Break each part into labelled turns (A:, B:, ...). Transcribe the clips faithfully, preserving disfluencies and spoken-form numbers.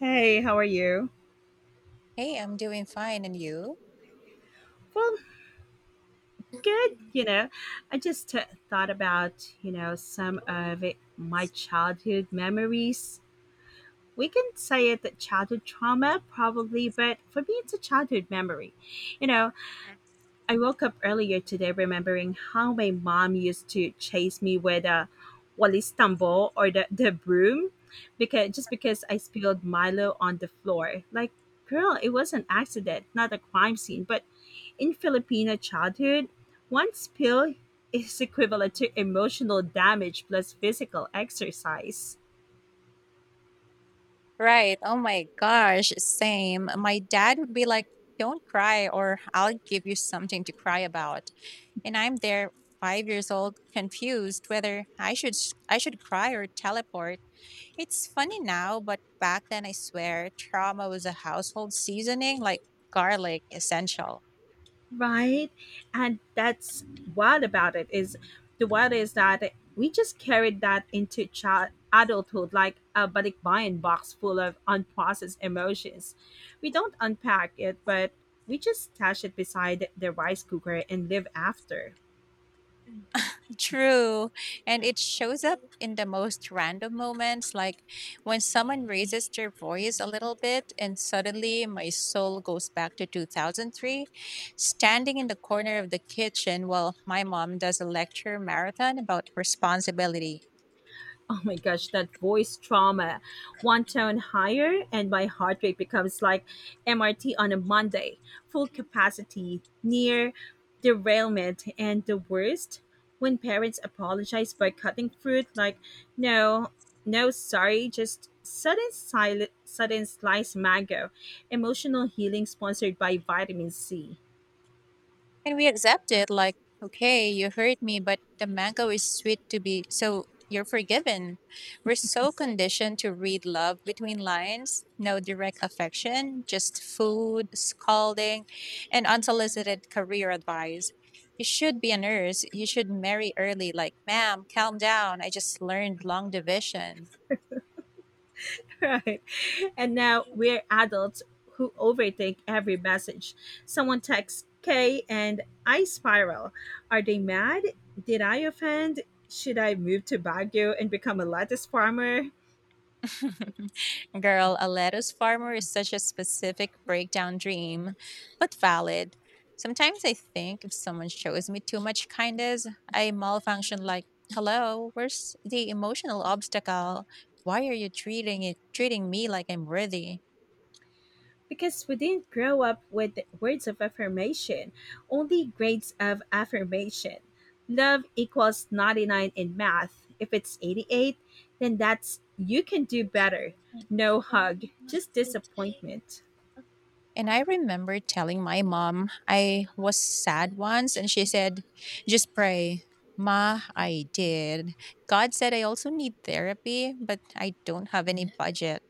A: Hey, how are you?
B: Hey, I'm doing fine. And you?
A: Well, good. You know, I just uh thought about, you know, some of it, my childhood memories. We can say it that childhood trauma, probably, but for me, it's a childhood memory. You know, I woke up earlier today remembering how my mom used to chase me with a Wally's tumble or the, the broom because just because I spilled Milo on the floor. Like, girl, it was an accident, not a crime scene. But in Filipino childhood, one spill is equivalent to emotional damage plus physical exercise.
B: Right. Oh my gosh. Same. My dad would be like, don't cry, or I'll give you something to cry about. And I'm there, five years old, confused whether I should s- I should cry or teleport. It's funny now, but back then I swear trauma was a household seasoning like garlic essential.
A: Right. And that's— what about it is, the— what is that— we just carried that into child adulthood like a big buying box full of unprocessed emotions. We don't unpack it, but we just stash it beside the rice cooker and live after.
B: True. And it shows up in the most random moments, like when someone raises their voice a little bit, and suddenly my soul goes back to two thousand three, standing in the corner of the kitchen while my mom does a lecture marathon about responsibility.
A: Oh my gosh, that voice trauma. One tone higher, and my heart rate becomes like M R T on a Monday, full capacity, near derailment. And the worst, when parents apologize by cutting fruit, like, no, no, sorry, just sudden silent, sudden slice mango, emotional healing sponsored by vitamin C.
B: And we accept it like, okay, you hurt me, but the mango is sweet to be, so you're forgiven. We're so conditioned to read love between lines, no direct affection, just food, scolding, and unsolicited career advice. You should be a nurse. You should marry early. Like, ma'am, calm down. I just learned long division.
A: Right. And now we're adults who overthink every message. Someone texts K and I spiral. Are they mad? Did I offend? Should I move to Baguio and become a lettuce farmer?
B: Girl, a lettuce farmer is such a specific breakdown dream, but valid. Sometimes I think if someone shows me too much kindness, I malfunction like, "Hello, where's the emotional obstacle? Why are you treating it treating me like I'm worthy?"
A: Because we didn't grow up with words of affirmation, only grades of affirmation. Love equals ninety-nine in math. If it's eighty-eight, then that's you can do better.
B: Like,
A: No
B: "Oh,
A: hug,
B: must have
A: just
B: a good day."
A: disappointment.
B: And I remember telling my mom I was sad once, and she said, just pray. Ma, I did. God said I also need therapy, but I don't have any budget.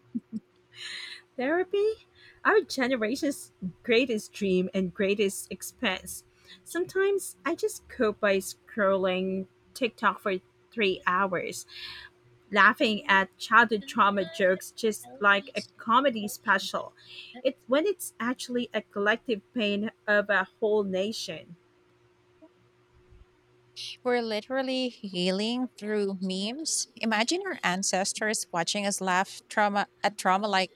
A: Therapy? Our generation's greatest dream and greatest expense. Sometimes I just cope by scrolling TikTok for three hours, laughing at childhood trauma jokes just like a comedy special. It's when it's actually a collective pain of a whole nation.
B: We're literally healing through memes. Imagine our ancestors watching us laugh trauma at trauma like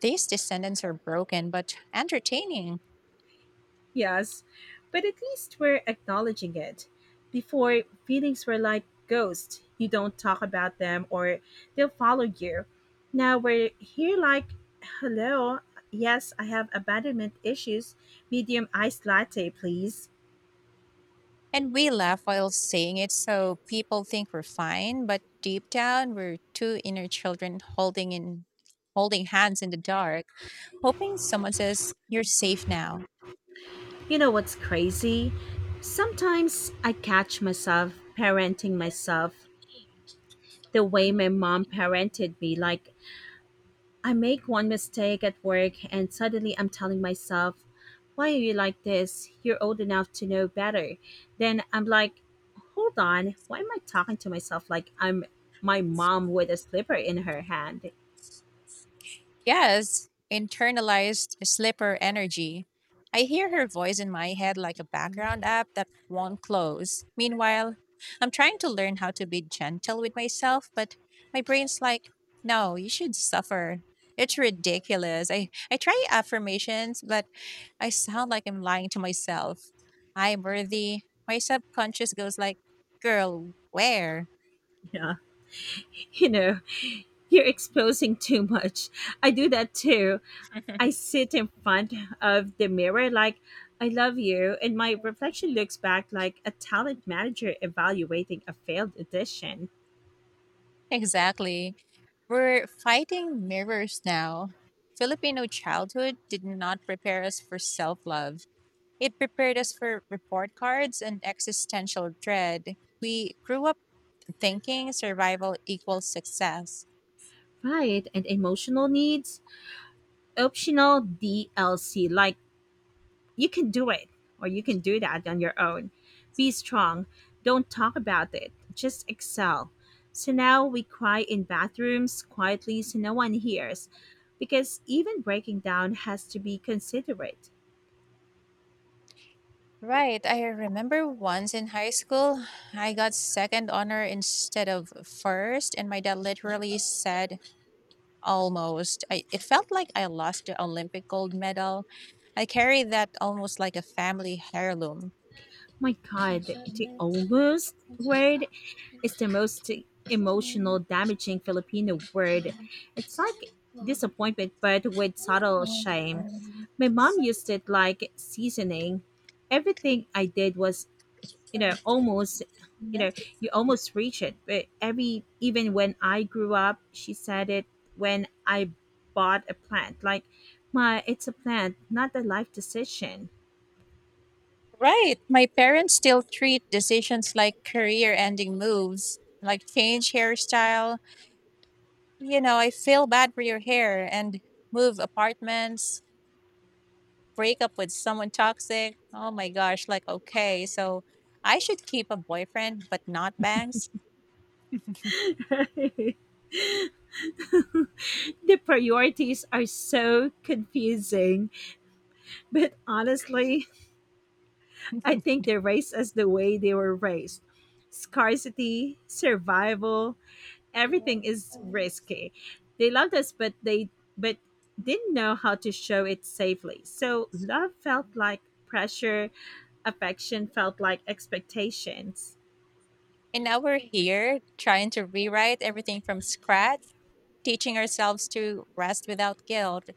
B: these descendants are broken but entertaining.
A: Yes, but at least we're acknowledging it. Before, feelings were like ghosts. You don't talk about them or they'll follow you. Now we're here like, hello, yes, I have abandonment issues. Medium iced latte, please.
B: And we laugh while saying it, so people think we're fine, but deep down we're two inner children holding in holding hands in the dark, hoping someone says, you're safe now.
A: You know what's crazy? Sometimes I catch myself parenting myself the way my mom parented me, like I make one mistake at work and suddenly I'm telling myself, why are you like this? You're old enough to know better. Then I'm like, hold on, why am I talking to myself like I'm my mom with a slipper in her hand?
B: Yes, internalized slipper energy. I hear her voice in my head like a background app that won't close. Meanwhile, I'm trying to learn how to be gentle with myself, but my brain's like, no, you should suffer. It's ridiculous. I, I try affirmations, but I sound like I'm lying to myself. I'm worthy. My subconscious goes like, girl, where?
A: Yeah. You know, you're exposing too much. I do that too. I sit in front of the mirror like, I love you, and my reflection looks back like a talent manager evaluating a failed audition.
B: Exactly. We're fighting mirrors now. Filipino childhood did not prepare us for self love. It prepared us for report cards and existential dread. We grew up thinking survival equals success.
A: Right, and emotional needs optional D L C. Like you can do it or you can do that on your own. Be strong. Don't talk about it. Just excel. So now we cry in bathrooms quietly so no one hears because even breaking down has to be considerate.
B: Right, I remember once in high school, I got second honor instead of first, and my dad literally said almost. I, it felt like I lost the Olympic gold medal. I carry that almost like a family heirloom.
A: My God, the almost word. It's the most emotional, damaging Filipino word. It's like disappointment, but with subtle shame. My mom used it like seasoning. Everything I did was, you know, almost, you know, you almost reach it. But every, even when I grew up, she said it when I bought a plant. Like, my, it's a plant, not a life decision.
B: Right. My parents still treat decisions like career ending moves, like change hairstyle. You know, I feel bad for your hair and move apartments, break up with someone toxic. Oh my gosh. Like, okay, so I should keep a boyfriend, but not bangs.
A: the priorities are so confusing. But honestly, I think they're raised as the way they were raised. Scarcity, survival, everything is risky. They loved us, but they but didn't know how to show it safely. So love felt like pressure, affection felt like expectations.
B: And now we're here trying to rewrite everything from scratch, teaching ourselves to rest without guilt,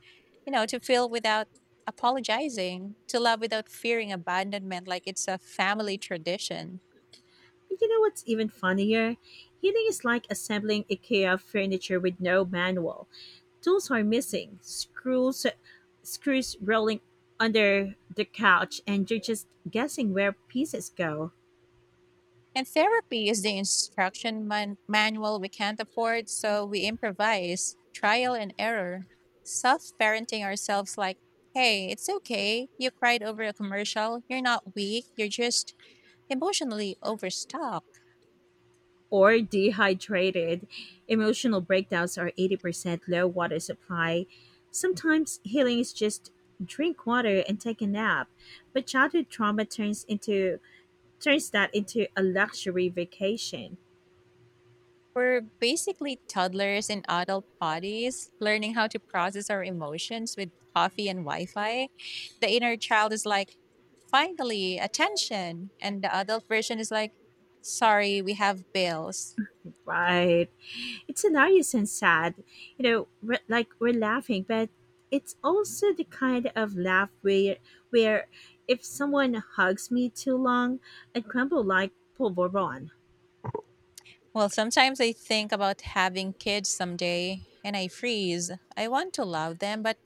B: you know, to feel without apologizing, to love without fearing abandonment, like it's a family tradition.
A: But you know what's even funnier? Healing is like assembling IKEA furniture with no manual. Tools are missing, screws screws rolling under the couch, and you're just guessing where pieces go.
B: And therapy is the instruction man- manual we can't afford, so we improvise, trial and error, self parenting ourselves like, hey, it's okay. You cried over a commercial. You're not weak. You're just emotionally overstocked.
A: Or dehydrated. Emotional breakdowns are eighty percent low water supply. Sometimes healing is just drink water and take a nap. But childhood trauma turns into turns that into a luxury vacation.
B: We're basically toddlers in adult bodies, learning how to process our emotions with coffee and Wi Fi. The inner child is like, finally, attention. And the adult version is like, sorry, we have bills.
A: Right. It's hilarious and sad. You know, we're, like we're laughing, but it's also the kind of laugh where where if someone hugs me too long, I crumble like polvoron.
B: Well, sometimes I think about having kids someday and I freeze. I want to love them, but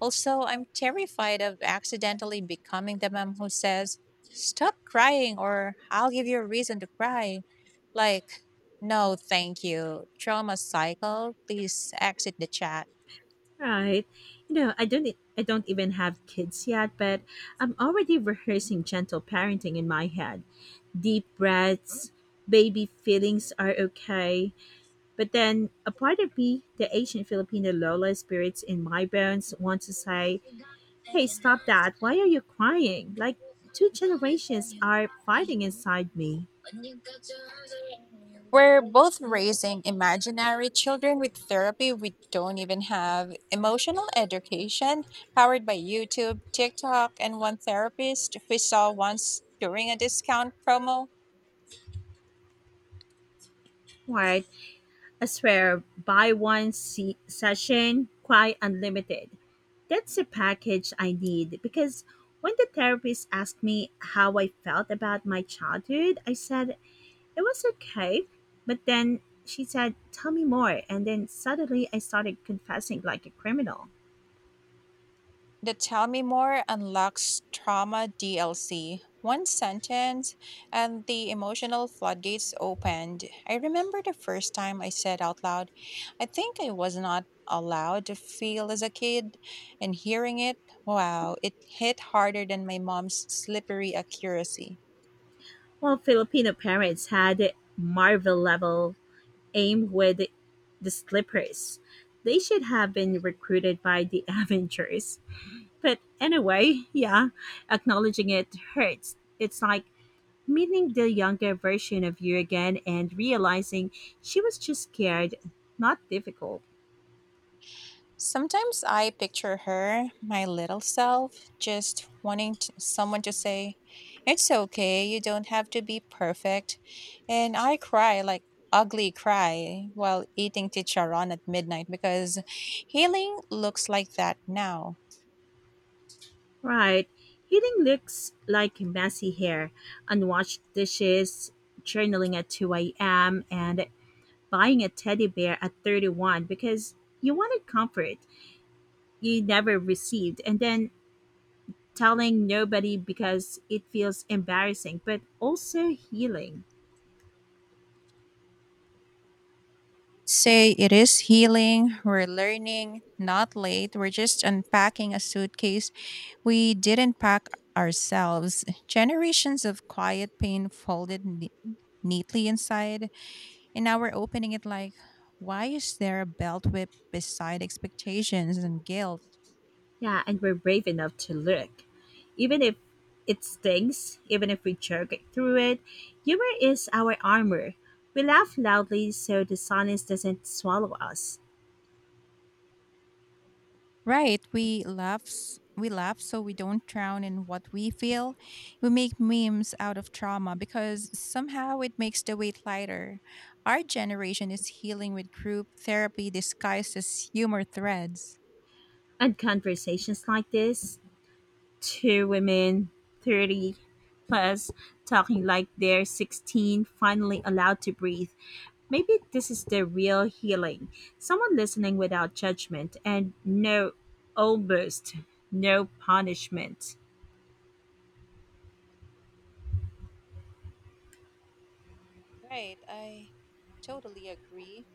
B: also I'm terrified of accidentally becoming the mom who says, stop crying or I'll give you a reason to cry. Like, no, thank you. Trauma cycle. Please exit the chat.
A: Right? You know, I don't I I don't even have kids yet, but I'm already rehearsing gentle parenting in my head. Deep breaths, baby feelings are okay. But then a part of me, the Asian Filipino Lola spirits in my bones, wants to say, hey, stop that. Why are you crying? Like, two generations are fighting inside me.
B: We're both raising imaginary children with therapy we don't even have, emotional education powered by YouTube, TikTok, and one therapist we saw once during a discount promo.
A: Right? I swear, buy one se- session, cry unlimited. That's the package I need because when the therapist asked me how I felt about my childhood, I said it was okay. But then she said, tell me more. And then suddenly I started confessing like a criminal.
B: The tell me more unlocks trauma D L C. One sentence, and the emotional floodgates opened. I remember the first time I said out loud, I think I was not allowed to feel as a kid, and hearing it, wow, it hit harder than my mom's slippery accuracy.
A: Well, Filipino parents had Marvel level aim with the slippers. They should have been recruited by the Avengers. But anyway, yeah, acknowledging it hurts. It's like meeting the younger version of you again and realizing she was just scared, not difficult.
B: Sometimes I picture her, my little self, just wanting t someone to say, it's okay, you don't have to be perfect. And I cry like ugly cry while eating ticharon at midnight because healing looks like that now.
A: Right. Healing looks like messy hair, unwashed dishes, journaling at two a m, and buying a teddy bear at thirty-one because you wanted comfort you never received, and then telling nobody because it feels embarrassing but also healing.
B: Say it is healing, we're learning, not late, we're just unpacking a suitcase we didn't pack ourselves. Generations of quiet pain folded ne- neatly inside. And now we're opening it like, why is there a belt whip beside expectations and guilt?
A: Yeah, and we're brave enough to look, even if it stings, even if we choke through it. Humor is our armor. We laugh loudly so the silence doesn't swallow us.
B: Right, we laugh, s- we laugh so we don't drown in what we feel. We make memes out of trauma because somehow it makes the weight lighter. Our generation is healing with group therapy disguised as humor threads.
A: And conversations like this, two women thirty plus, talking like they're sixteen, finally allowed to breathe. Maybe this is the real healing. Someone listening without judgment, and no almost, no punishment.
B: Right, I totally agree.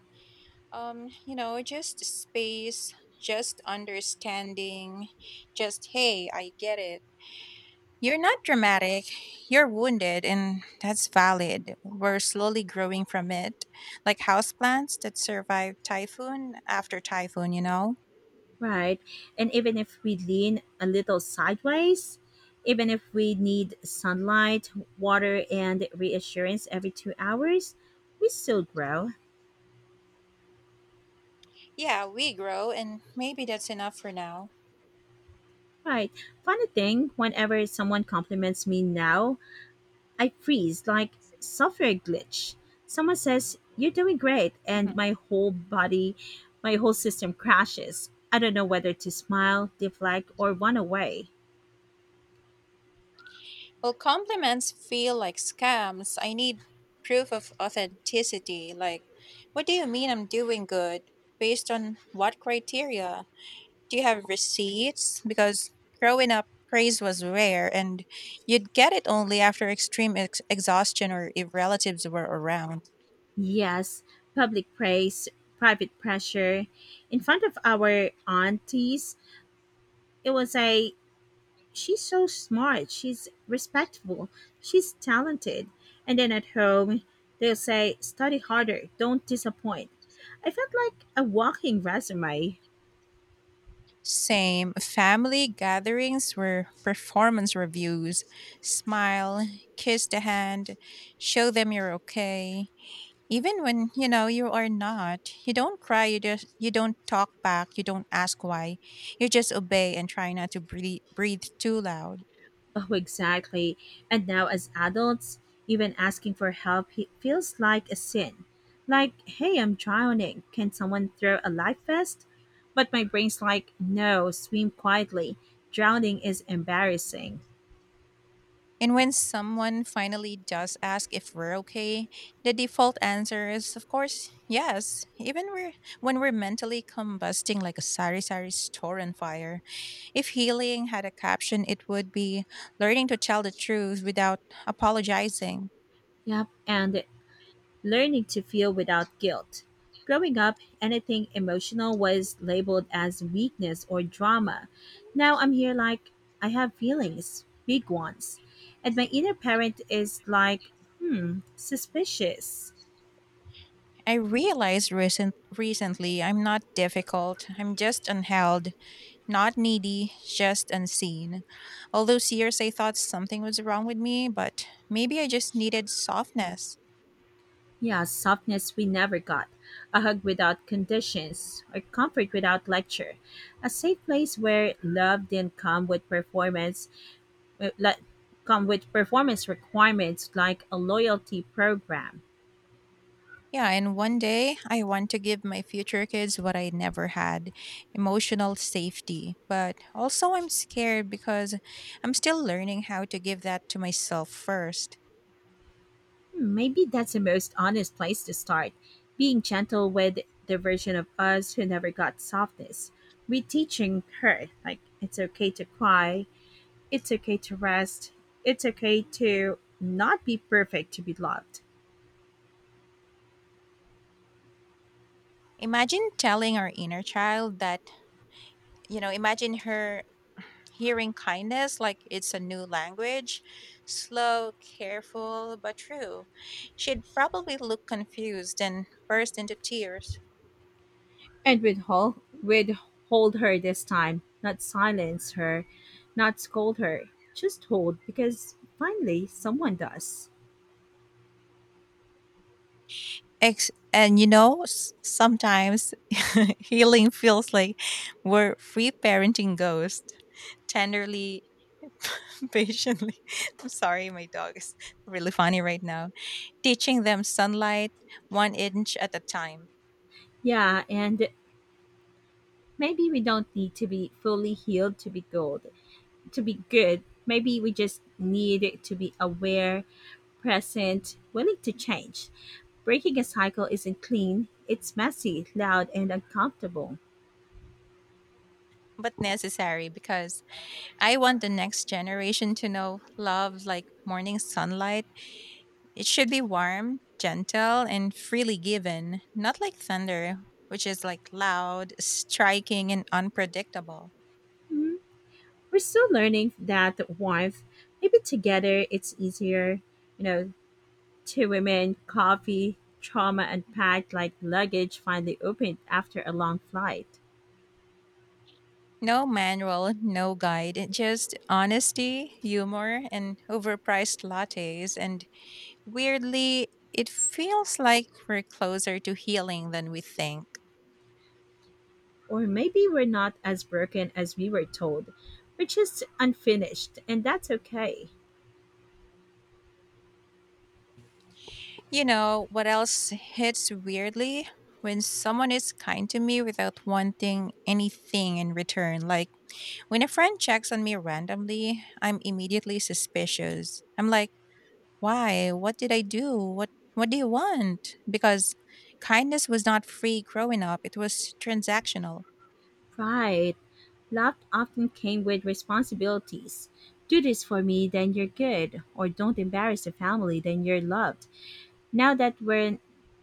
B: Um, you know, just space, just understanding, just hey, I get it. You're not dramatic. You're wounded, and that's valid. We're slowly growing from it, like houseplants that survive typhoon after typhoon, you know?
A: Right. And even if we lean a little sideways, even if we need sunlight, water, and reassurance every two hours, we still grow.
B: Yeah, we grow, and maybe that's enough for now.
A: Right. Funny thing, whenever someone compliments me now, I freeze like software glitch. Someone says, you're doing great, and
B: Mhm.
A: my whole body, my whole system crashes. I don't know whether to smile, deflect, or run away.
B: Well, compliments feel like scams. I need proof of authenticity. Like, what do you mean I'm doing good? Based on what criteria? Do you have receipts? Because growing up, praise was rare, and you'd get it only after extreme ex- exhaustion or if relatives were around.
A: Yes, public praise, private pressure. In front of our aunties, it was a she's so smart, she's respectful, she's talented. And then at home, they'll say, study harder, don't disappoint. I felt like a walking resume.
B: Same. Family gatherings were performance reviews. Smile, kiss the hand, show them you're okay. Even when you know you are not, you don't cry. You just you don't talk back. You don't ask why. You just obey and try not to breathe breathe too loud.
A: Oh, exactly. And now, as adults, even asking for help he- feels like a sin. Like, hey, I'm drowning. Can someone throw a life vest? But my brain's like, no, swim quietly. Drowning is embarrassing.
B: And when someone finally does ask if we're okay, the default answer is, of course, yes. Even we're, when we're mentally combusting like a sari sari store on fire, if healing had a caption, it would be learning to tell the truth without apologizing.
A: Yep, and learning to feel without guilt. Growing up, anything emotional was labeled as weakness or drama. Now I'm here like, I have feelings, big ones. And my inner parent is like, hmm, suspicious.
B: I realized recent, recently I'm not difficult. I'm just unheld, not needy, just unseen. All those years I thought something was wrong with me, but maybe I just needed softness.
A: Yeah, softness we never got, a hug without conditions, or comfort without lecture, a safe place where love didn't come with performance, uh, like, come with performance requirements like a loyalty program.
B: Yeah, and one day I want to give my future kids what I never had, emotional safety. But also, I'm scared because I'm still learning how to give that to myself first.
A: Maybe that's the most honest place to start, being gentle with the version of us who never got softness. Reteaching her, like, it's okay to cry, it's okay to rest, it's okay to not be perfect to be loved.
B: Imagine telling our inner child that, you know, imagine her hearing kindness like it's a new language, slow, careful, but true. She'd probably look confused and burst into tears.
A: And withhold, withhold her this time, not silence her, not scold her, just hold because finally someone does.
B: Ex- and you know, s- sometimes healing feels like where free parenting goes tenderly, patiently. I'm sorry, my dog is really funny right now. Teaching them sunlight one inch at a time,
A: Yeah, and maybe we don't need to be fully healed to be gold, to be good. Maybe we just need it to be aware, present, willing to change. Breaking a cycle isn't clean, it's messy, loud, and uncomfortable.
B: but necessary because I want the next generation to know love like morning sunlight. It should be warm, gentle, and freely given, not like thunder, which is like loud, striking, and unpredictable.
A: Mhm. We're still learning that warmth. Maybe together it's easier. You know, two women, coffee, trauma unpacked like luggage finally opened after a long flight.
B: No manual, no guide, eh, just honesty, humor, and overpriced lattes. And weirdly, it feels like we're closer to healing than we think.
A: Or maybe we're not as broken as we were told. We're just unfinished, and that's okay.
B: You know, what else hits weirdly? When someone is kind to me without wanting anything in return. Like when a friend checks on me randomly, I'm immediately suspicious. I'm like, why? What did I do? What what do you want? Because kindness was not free growing up. It was transactional.
A: Right. Love often came with responsibilities. Do this for me, then you're good, or don't embarrass the family, then you're loved. Now that we're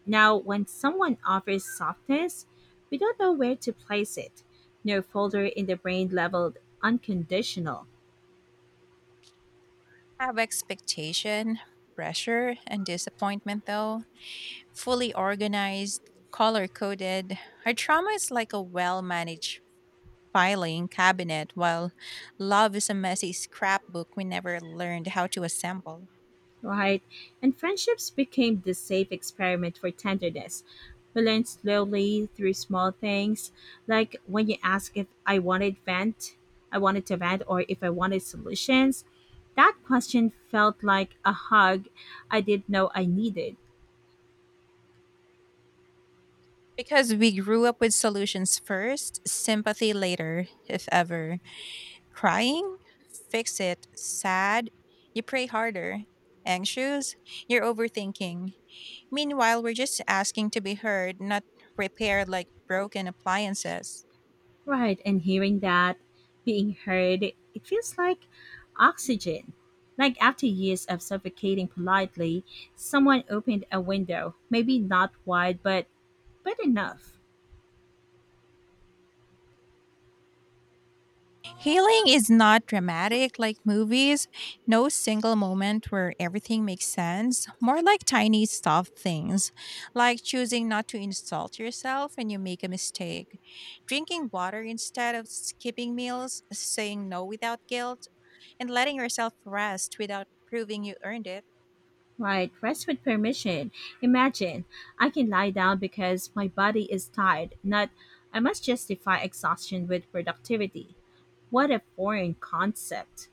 A: now when someone offers softness, we don't know where to place it. No folder in the brain leveled unconditional.
B: Have expectation, pressure, and disappointment though. Fully organized, color coded. Our trauma is like a well managed filing cabinet while love is a messy scrapbook we never learned how to assemble.
A: Right? And friendships became this safe experiment for tenderness. We learned slowly through small things, like when you ask if I wanted vent, I wanted to vent, or if I wanted solutions. That question felt like a hug I didn't know I needed.
B: Because we grew up with solutions first, sympathy later, if ever. Crying, fix it. Sad, you pray harder. Anxious, you're overthinking. Meanwhile, we're just asking to be heard, not repaired like broken appliances.
A: Right, and hearing that, being heard, it feels like oxygen. Like after years of suffocating politely, someone opened a window, maybe not wide, but but enough.
B: Healing is not dramatic like movies, no single moment where everything makes sense, more like tiny soft things, like choosing not to insult yourself when you make a mistake, drinking water instead of skipping meals, saying no without guilt, and letting yourself rest without proving you earned it.
A: Right, rest with permission. Imagine, I can lie down because my body is tired, not I must justify exhaustion with productivity. What a foreign concept.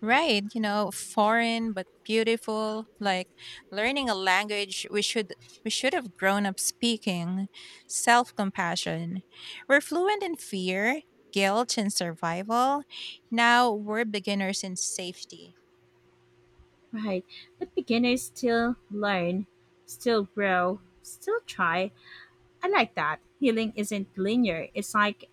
B: Right, you know, foreign but beautiful, like learning a language we should we should have grown up speaking, self-compassion. We're fluent in fear, guilt and survival. Now we're beginners in safety.
A: Right, but beginners still learn, still grow, still try. I like that. Healing isn't linear, it's like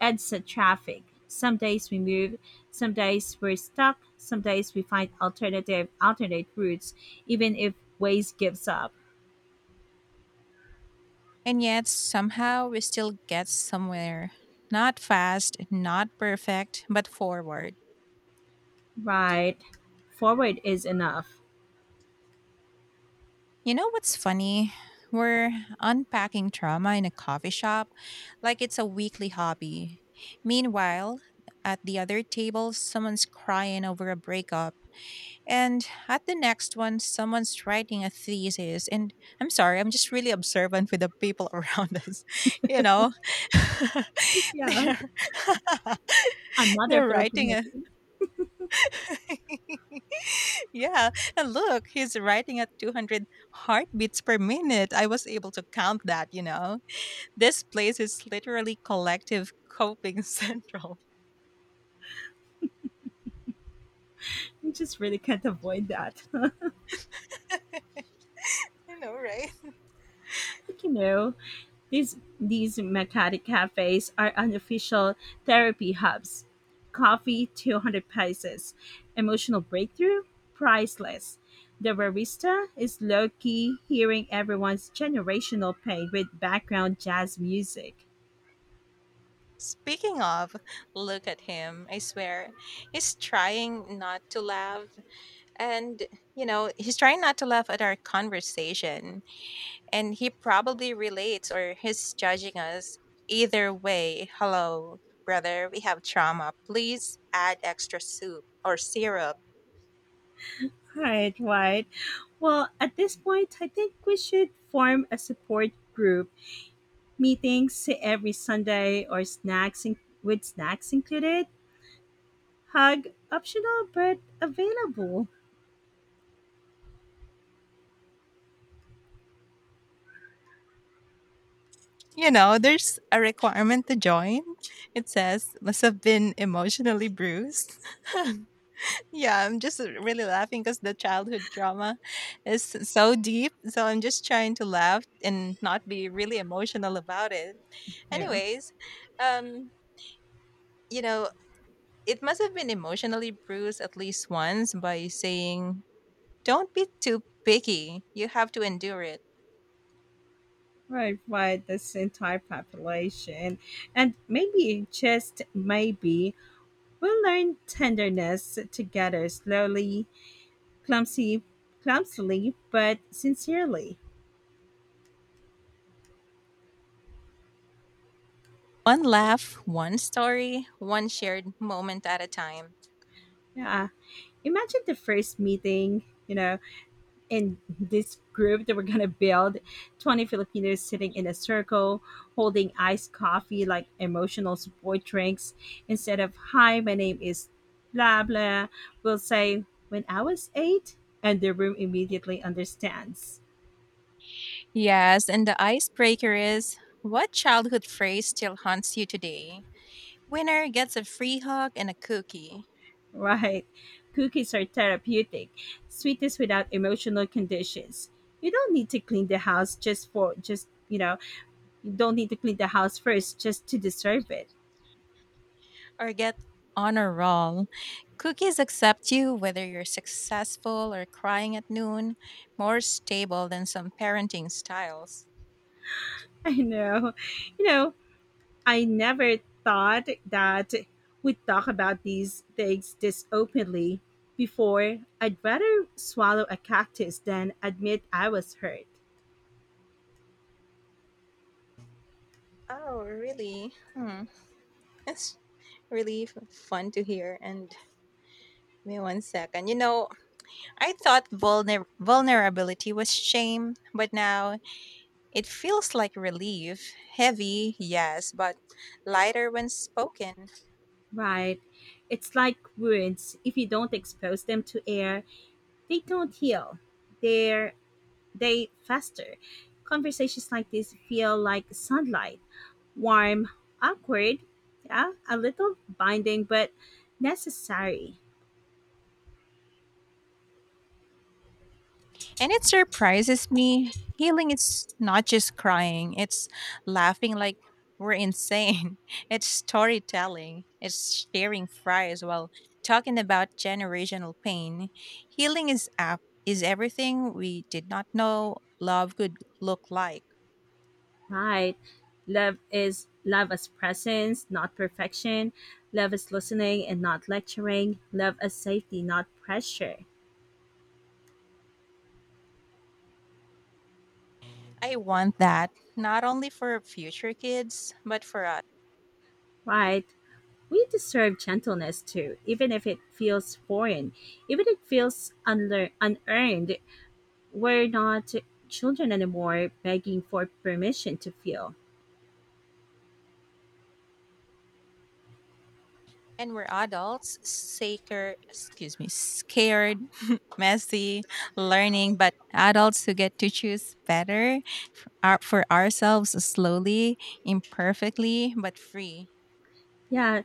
A: EDSA traffic. Some days we move, some days we're stuck, some days we find alternative, alternate routes, even if ways gives up.
B: And yet somehow we still get somewhere. Not fast, not perfect, but forward.
A: Right. Forward is enough.
B: You know what's funny? We're unpacking trauma in a coffee shop like it's a weekly hobby. Meanwhile, at the other table, someone's crying over a breakup. And at the next one, someone's writing a thesis. And I'm sorry, I'm just really observant with the people around us. You know,
A: Yeah,
B: they're,
A: another
B: they're writing
A: Filipino
B: a
A: thing.
B: yeah. And look, he's writing at two hundred heartbeats per minute. I was able to count that, you know. This place is literally collective coping central.
A: We just really can't avoid that.
B: I know, right?
A: Like, you know, these these Makati cafes are unofficial therapy hubs. Coffee, two hundred pesos. Emotional breakthrough, priceless. The barista is low-key hearing everyone's generational pain with background jazz music.
B: Speaking of, look at him. I swear. He's trying not to laugh. And, you know, he's trying not to laugh at our conversation, and he probably relates or he's judging us. Either way, hello, brother, we have trauma. Please add extra soup or syrup.
A: Right, right. Well, at this point, I think we should form a support group, meetings every Sunday or snacks in- with snacks included. Hug optional but available.
B: You know, there's a requirement to join. It says, must have been emotionally bruised. Yeah, I'm just really laughing because the childhood trauma is so deep. So I'm just trying to laugh and not be really emotional about it.
A: Yeah.
B: Anyways, um, you know, it must have been emotionally bruised at least once by saying, don't be too picky. You have to endure it.
A: Right, right. This entire population, and maybe just maybe we'll learn tenderness together slowly, clumsy, clumsily, but sincerely.
B: One laugh, one story, one shared moment at a time.
A: Yeah. Imagine the first meeting. You know, in this group that we're gonna build, twenty Filipinos sitting in a circle holding iced coffee like emotional support drinks, instead of hi my name is blah blah, we'll say, when I was eight, and the room immediately understands.
B: Yes, and the icebreaker is what childhood phrase still haunts you today? Winner gets a free hug and a cookie,
A: Right. Cookies are therapeutic, sweetness without emotional conditions. You don't need to clean the house just for— just you know you don't need to clean the house first just to deserve it.
B: or get honor roll. Cookies accept you whether you're successful or crying at noon, more stable than some parenting styles.
A: I know. you know I never thought that we'd talk about these things this openly before. I'd rather swallow a cactus than admit I was hurt.
B: Oh, really? Hmm. That's really f- fun to hear. And give me one second. You know, I thought vulner- vulnerability was shame, but now it feels like relief. Heavy, yes, but lighter when spoken.
A: Right. It's like wounds. If you don't expose them to air, they don't heal. They're, they fester. Conversations like this feel like sunlight, warm, awkward, yeah, a little binding, but necessary.
B: And it surprises me. Healing is not just crying, it's laughing like we're insane. It's storytelling, it's sharing fries while talking about generational pain. Healing is app is everything we did not know love could look like.
A: Right. Love is love as presence, not perfection. Love is listening and not lecturing. Love as safety, not pressure.
B: I want that not only for future kids, but for us.
A: Right. We deserve gentleness too, even if it feels foreign, even if it feels unlear- unearned. We're not children anymore begging for permission to feel.
B: And we're adults, saker, excuse me, scared, messy, learning, but adults who get to choose better our, for ourselves slowly, imperfectly, but free.
A: Yeah,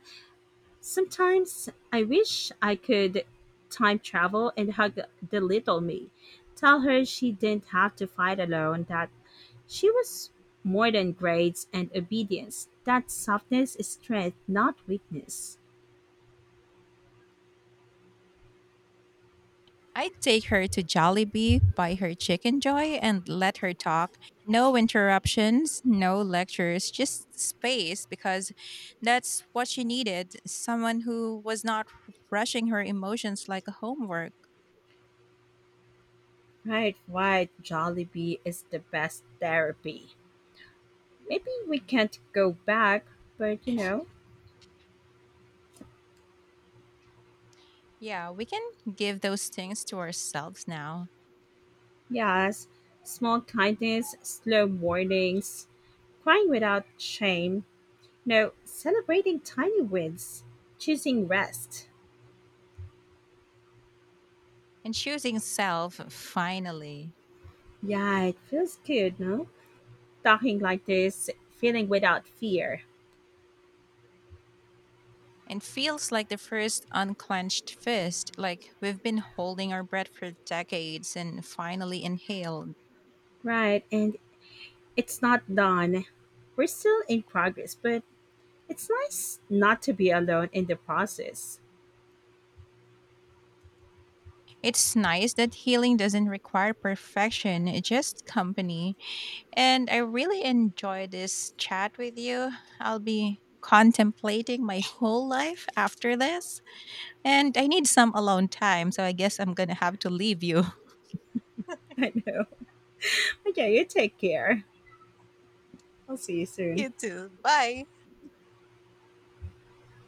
A: sometimes I wish I could time travel and hug the little me. Tell her she didn't have to fight alone, that she was more than grades and obedience. That softness is strength, not weakness.
B: I'd take her to Jollibee, buy her chicken joy, and let her talk. No interruptions, no lectures, just space because that's what she needed. Someone who was not rushing her emotions like a homework.
A: Right, right. Jollibee is the best therapy. Maybe we can't go back, but you know,
B: Yeah, we can give those things to ourselves now.
A: yes. Small kindness, slow warnings, crying without shame, No, celebrating tiny wins, choosing rest.
B: And choosing self finally.
A: Yeah, it feels good, no? Talking like this, feeling without fear.
B: And feels like the first unclenched fist, like we've been holding our breath for decades and finally inhaled.
A: Right, and it's not done. We're still in progress, but it's nice not to be alone in the process.
B: It's nice that healing doesn't require perfection, it just company. And I really enjoy this chat with you. I'll be contemplating my whole life after this. And I need some alone time, so I guess I'm gonna have to leave you.
A: I know. Okay, you take care. I'll see you soon.
B: You too. Bye.